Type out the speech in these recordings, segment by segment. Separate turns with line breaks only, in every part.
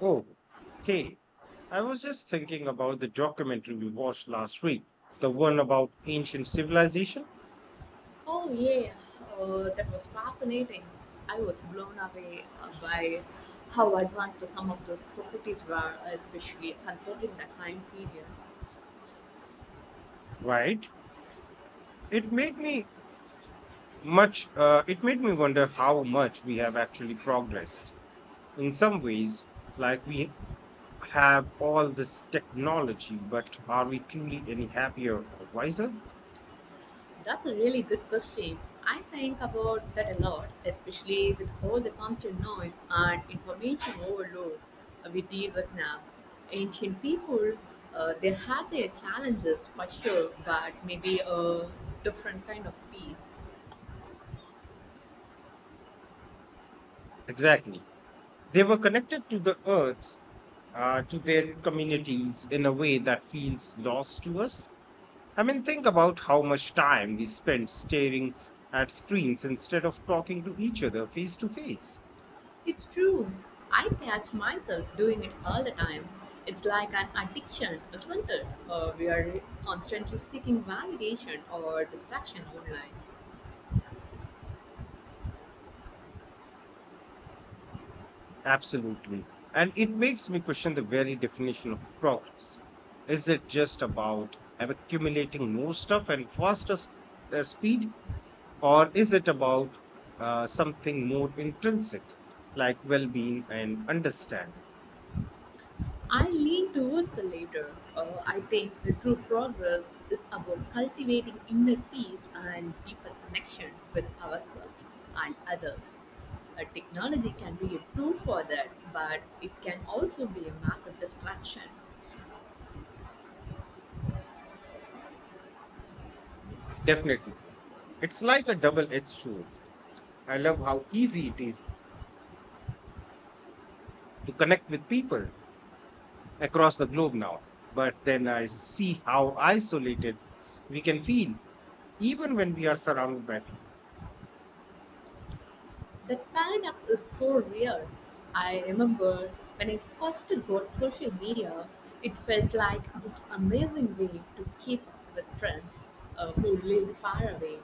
Oh, hey, I was just thinking about the documentary we watched last week, the one about ancient civilization,
Oh yeah, that was fascinating. I was blown away by how advanced some of those societies were, especially considering the time period.
right? It made me it made me wonder how much we have actually progressed. In some ways, like we have all this technology, but are we truly any happier or wiser?
That's a really good question. I think about that a lot, especially with all the constant noise and information overload we deal with now. Ancient people, they had their challenges for sure, but maybe a different kind of peace.
Exactly. They were connected to the earth, to their communities in a way that feels lost to us. I mean, think about how much time we spend staring at screens instead of talking to each other face to face.
It's true. I catch myself doing it all the time. It's like an addiction, isn't it? We are constantly seeking validation or distraction online.
Absolutely. And it makes me question the very definition of progress. Is it just about accumulating more stuff and faster speed, or is it about something more intrinsic, like well being and understanding?
I lean towards the latter. I think the true progress is about cultivating inner peace and deeper connection with ourselves and others. Technology can be a tool for that, but it can also be a massive distraction.
Definitely. It's like a double edged sword. I love how easy it is to connect with people, across the globe now. But then I see how isolated we can feel, even when we are surrounded by people.
That paradox is so real. I remember when I first got social media, it felt like this amazing way to keep up with friends who live far away.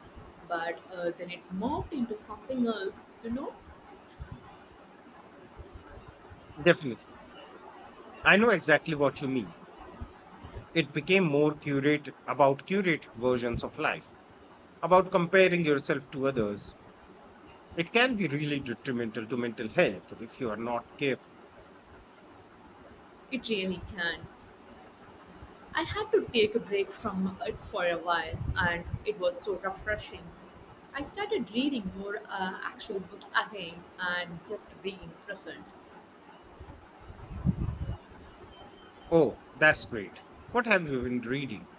But then it morphed into something else, you know?
Definitely. I know exactly what you mean. It became more curate about curated versions of life, about comparing yourself to others. It can be really detrimental to mental health if you are not careful.
It really can. I had to take a break from it for a while, and it was so refreshing. I started reading more actual books again and just being present.
Oh, that's great. What have you been reading?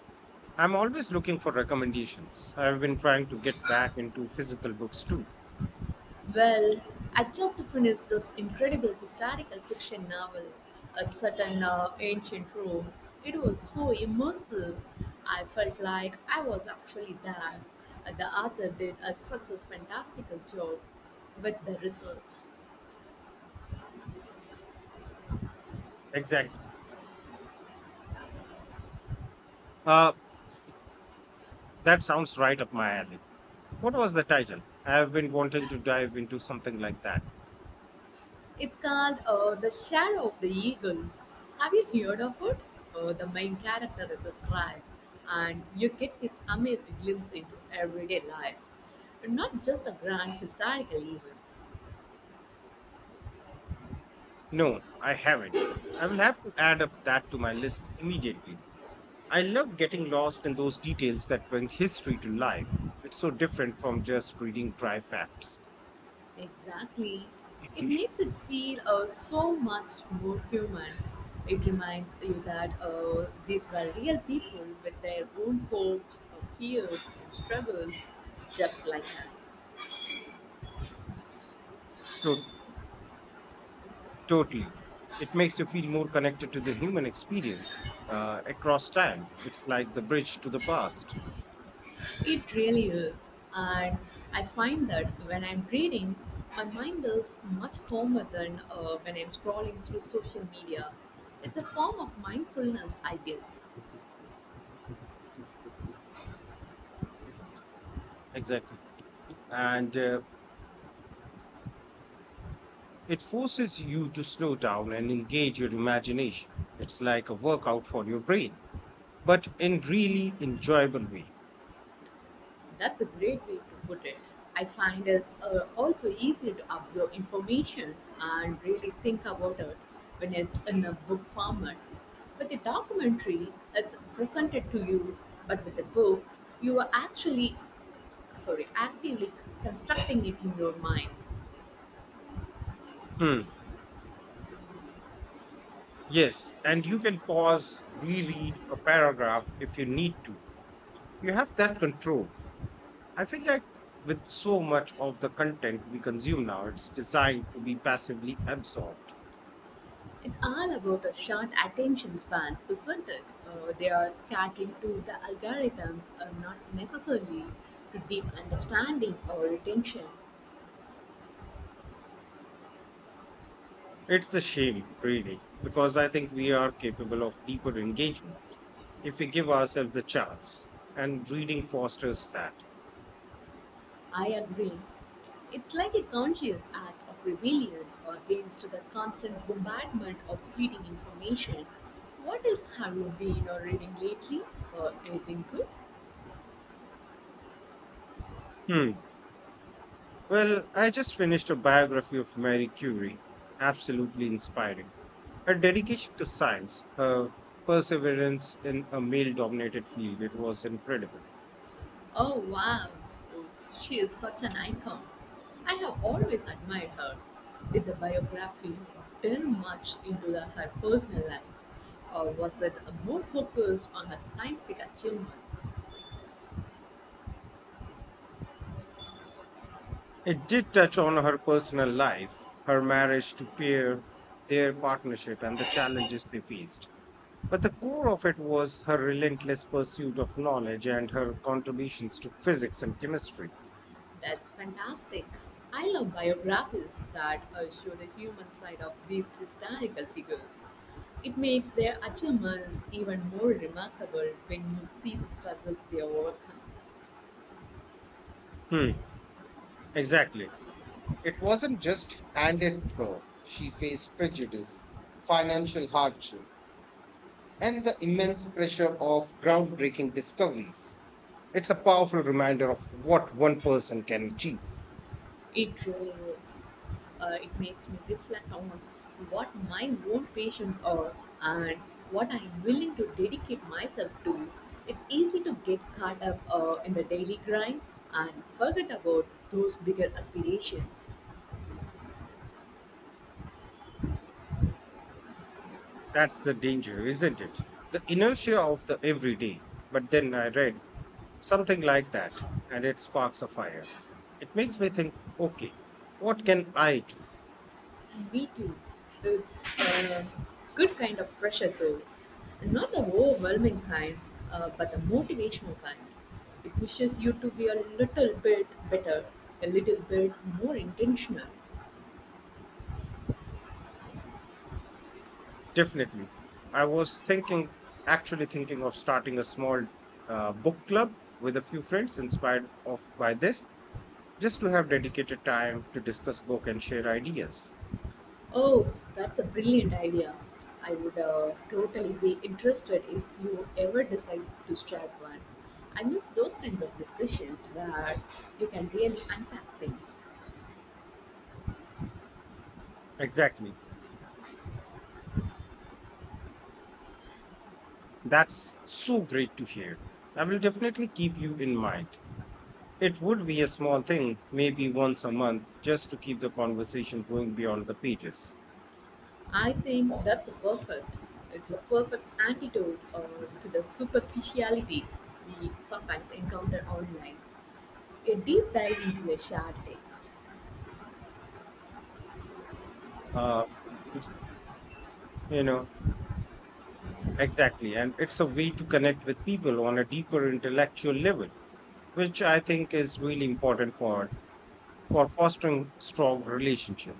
I'm always looking for recommendations. I've been trying to get back into physical books too.
Well, I just finished this incredible historical fiction novel, a certain ancient Rome. It was so immersive. I felt like I was actually there. The author did a such a fantastical job with the research.
Exactly. Uh, that sounds right up my alley. What was the title? I have been wanting to dive into something like that.
It's called The Shadow of the Eagle. Have you heard of it? The main character is a scribe, and you get this amazing glimpse into everyday life, not just the grand historical events.
No, I haven't. I will have to add up that to my list immediately. I love getting lost in those details that bring history to life. It's so different from just reading dry facts.
Exactly. It makes it feel so much more human. It reminds you that these were real people with their own hopes, fears, and struggles, just like us.
To- Totally. It makes you feel more connected to the human experience across time. It's like the bridge to the past.
It really is. And I find that when I'm reading, my mind is much calmer than when I'm scrolling through social media. It's a form of mindfulness, I guess.
Exactly. And it forces you to slow down and engage your imagination. It's like a workout for your brain, but in really enjoyable way.
That's a great way to put it. I find it's also easy to absorb information and really think about it when it's in a book format. With a documentary, it's presented to you, but with a book, you are actually, sorry, actively constructing it in your mind.
Mm, Yes, and you can pause, reread a paragraph if you need to. You have that control. I feel like with so much of the content we consume now, it's designed to be passively absorbed.
It's all about a short attention spans, isn't it? They are catering to the algorithms, not necessarily to deep understanding or retention.
It's a shame, really, because I think we are capable of deeper engagement if we give ourselves the chance, and reading fosters that.
I agree. It's like a conscious act of rebellion against the constant bombardment of fleeting information. What else have you been reading lately? Anything good?
Hmm. Well, I just finished a biography of Marie Curie. Absolutely inspiring. Her dedication to science, her perseverance in a male dominated field, it was incredible.
Oh wow, oh, she is such an icon. I have always admired her. Did the biography delve much into the, her personal life, or was it more focused on her scientific achievements?
It did touch on her personal life, her marriage to Pierre, their partnership, and the challenges they faced. But the core of it was her relentless pursuit of knowledge and her contributions to physics and chemistry.
That's fantastic. I love biographies that show the human side of these historical figures. It makes their achievements even more remarkable when you see the struggles they overcome.
Hmm, exactly. It wasn't just handed to her. She faced prejudice, financial hardship, and the immense pressure of groundbreaking discoveries. It's a powerful reminder of what one person can achieve.
It really is. It makes me reflect on what my own passions are and what I am willing to dedicate myself to. It's easy to get caught up in the daily grind and forget about those bigger aspirations.
That's the danger, isn't it? The inertia of the everyday. But then I read something like that. And it sparks a fire. It makes me think, okay, what can I do?
Me too. It's a good kind of pressure, though. Not the overwhelming kind, but the motivational kind. It pushes you to be a little bit better, a little bit more intentional.
Definitely. I was thinking, Actually thinking of starting a small book club with a few friends inspired of by this, just to have dedicated time to discuss book and share ideas.
Oh, that's a brilliant idea. I would totally be interested if you ever decide to start one. I miss those kinds of discussions where you can really unpack things.
Exactly. That's so great to hear. I will definitely keep you in mind. It would be a small thing, maybe once a month, just to keep the conversation going beyond the pages.
I think that's a perfect. It's a perfect antidote to the superficiality we sometimes encounter online. A deep dive into a shared text.
Uh, you know, exactly. And it's a way to connect with people on a deeper intellectual level, which I think is really important for fostering strong relationship.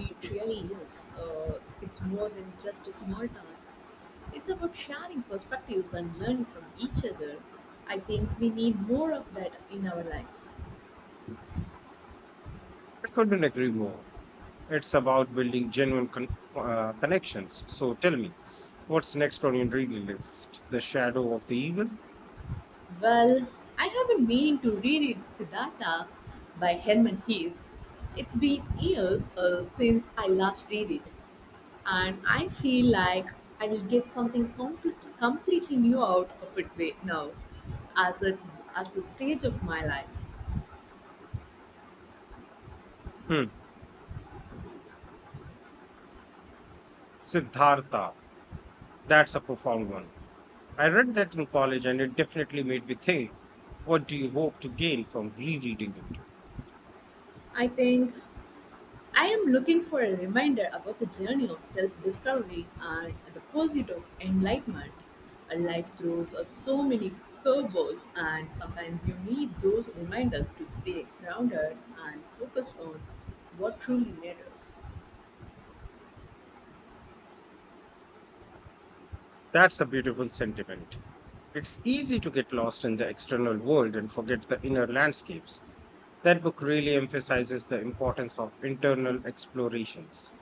It really is. It's more than just a small task. It's about sharing perspectives and learning from each other. I think we need more of that in our lives.
I couldn't agree more. It's about building genuine connections. So tell me, what's next on your reading list? The Shadow of the Eagle?
Well, I have been meaning to reread Siddhartha by Herman Hesse. It's been years since I last read it. And I feel like I will get something completely new out of it now, as it, at the stage of my life.
Hmm. Siddhartha. That's a profound one. I read that in college and it definitely made me think. What do you hope to gain from rereading it?
I think I am looking for a reminder about the journey of self-discovery and the pursuit of enlightenment. A life throws us so many curveballs, and sometimes you need those reminders to stay grounded and focused on what truly matters.
That's a beautiful sentiment. It's easy to get lost in the external world and forget the inner landscapes. That book really emphasizes the importance of internal explorations.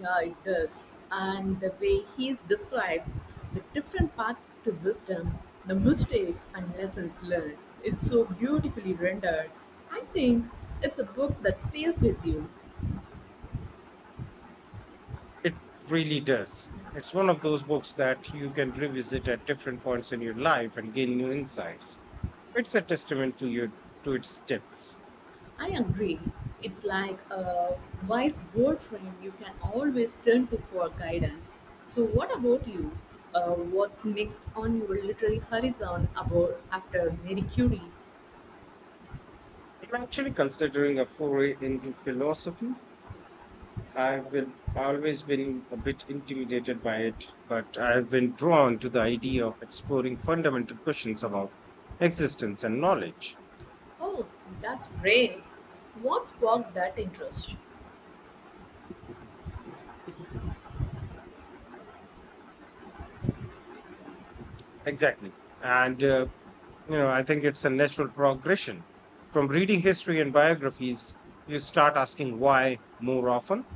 Yeah, it does. And the way he describes the different path to wisdom, the mistakes and lessons learned, it's so beautifully rendered. I think it's a book that stays with you.
It really does. It's one of those books that you can revisit at different points in your life and gain new insights. It's a testament to your to its depths.
I agree. It's like a wise boyfriend you can always turn to for guidance. So, what about you? What's next on your literary horizon about after Mary Curie?
I'm actually considering a foray into philosophy. I've been always been a bit intimidated by it, but I've been drawn to the idea of exploring fundamental questions about existence and knowledge.
Oh, that's great. What sparked that interest?
Exactly. And I think it's a natural progression from reading history and biographies. You start asking why more often.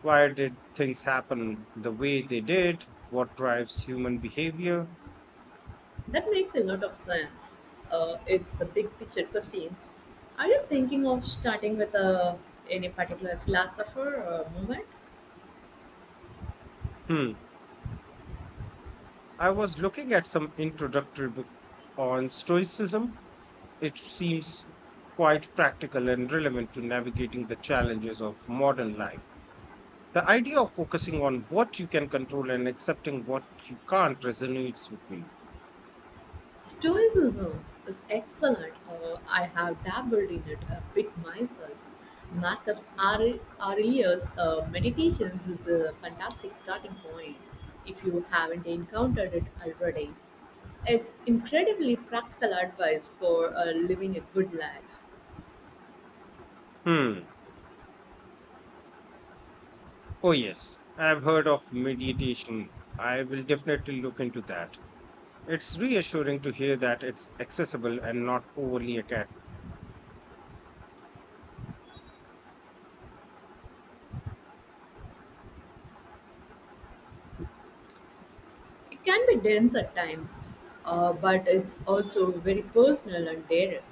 Why did things happen the way they did? What drives human behavior?
That makes a lot of sense. It's the big picture questions. Are you thinking of starting with a any particular philosopher or movement?
hmm I was looking at some introductory book on stoicism. It seems quite practical and relevant to navigating the challenges of modern life. The idea of focusing on what you can control and accepting what you can't resonates with me.
Stoicism is excellent. I have dabbled in it a bit myself. Marcus Aurelius' Meditations is a fantastic starting point if you haven't encountered it already. It's incredibly practical advice for living a good life.
hmm Oh, yes, I've heard of meditation. I will definitely look into that. It's reassuring to hear that it's accessible and not overly academic.
It can be dense at times, but it's also very personal and direct.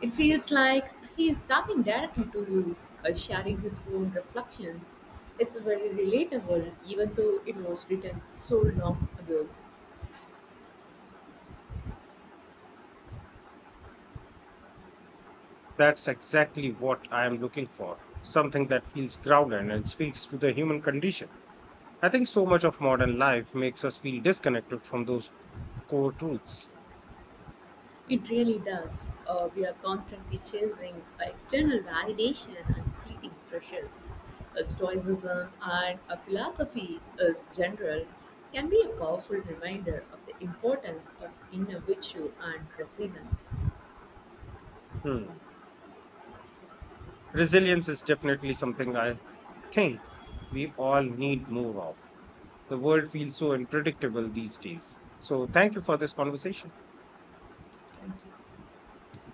It feels like he is talking directly to you, sharing his own reflections. It's very relatable, even though it was written so long ago.
That's exactly what I am looking for, something that feels grounded and speaks to the human condition. I think so much of modern life makes us feel disconnected from those core truths.
It really does. We are constantly chasing external validation and fleeting pressures. Stoicism and a philosophy is general can be a powerful reminder of the importance of inner virtue and resilience.
Hmm. Resilience is definitely something I think we all need more of. The world feels so unpredictable these days. So, thank you for this conversation.
Thank you.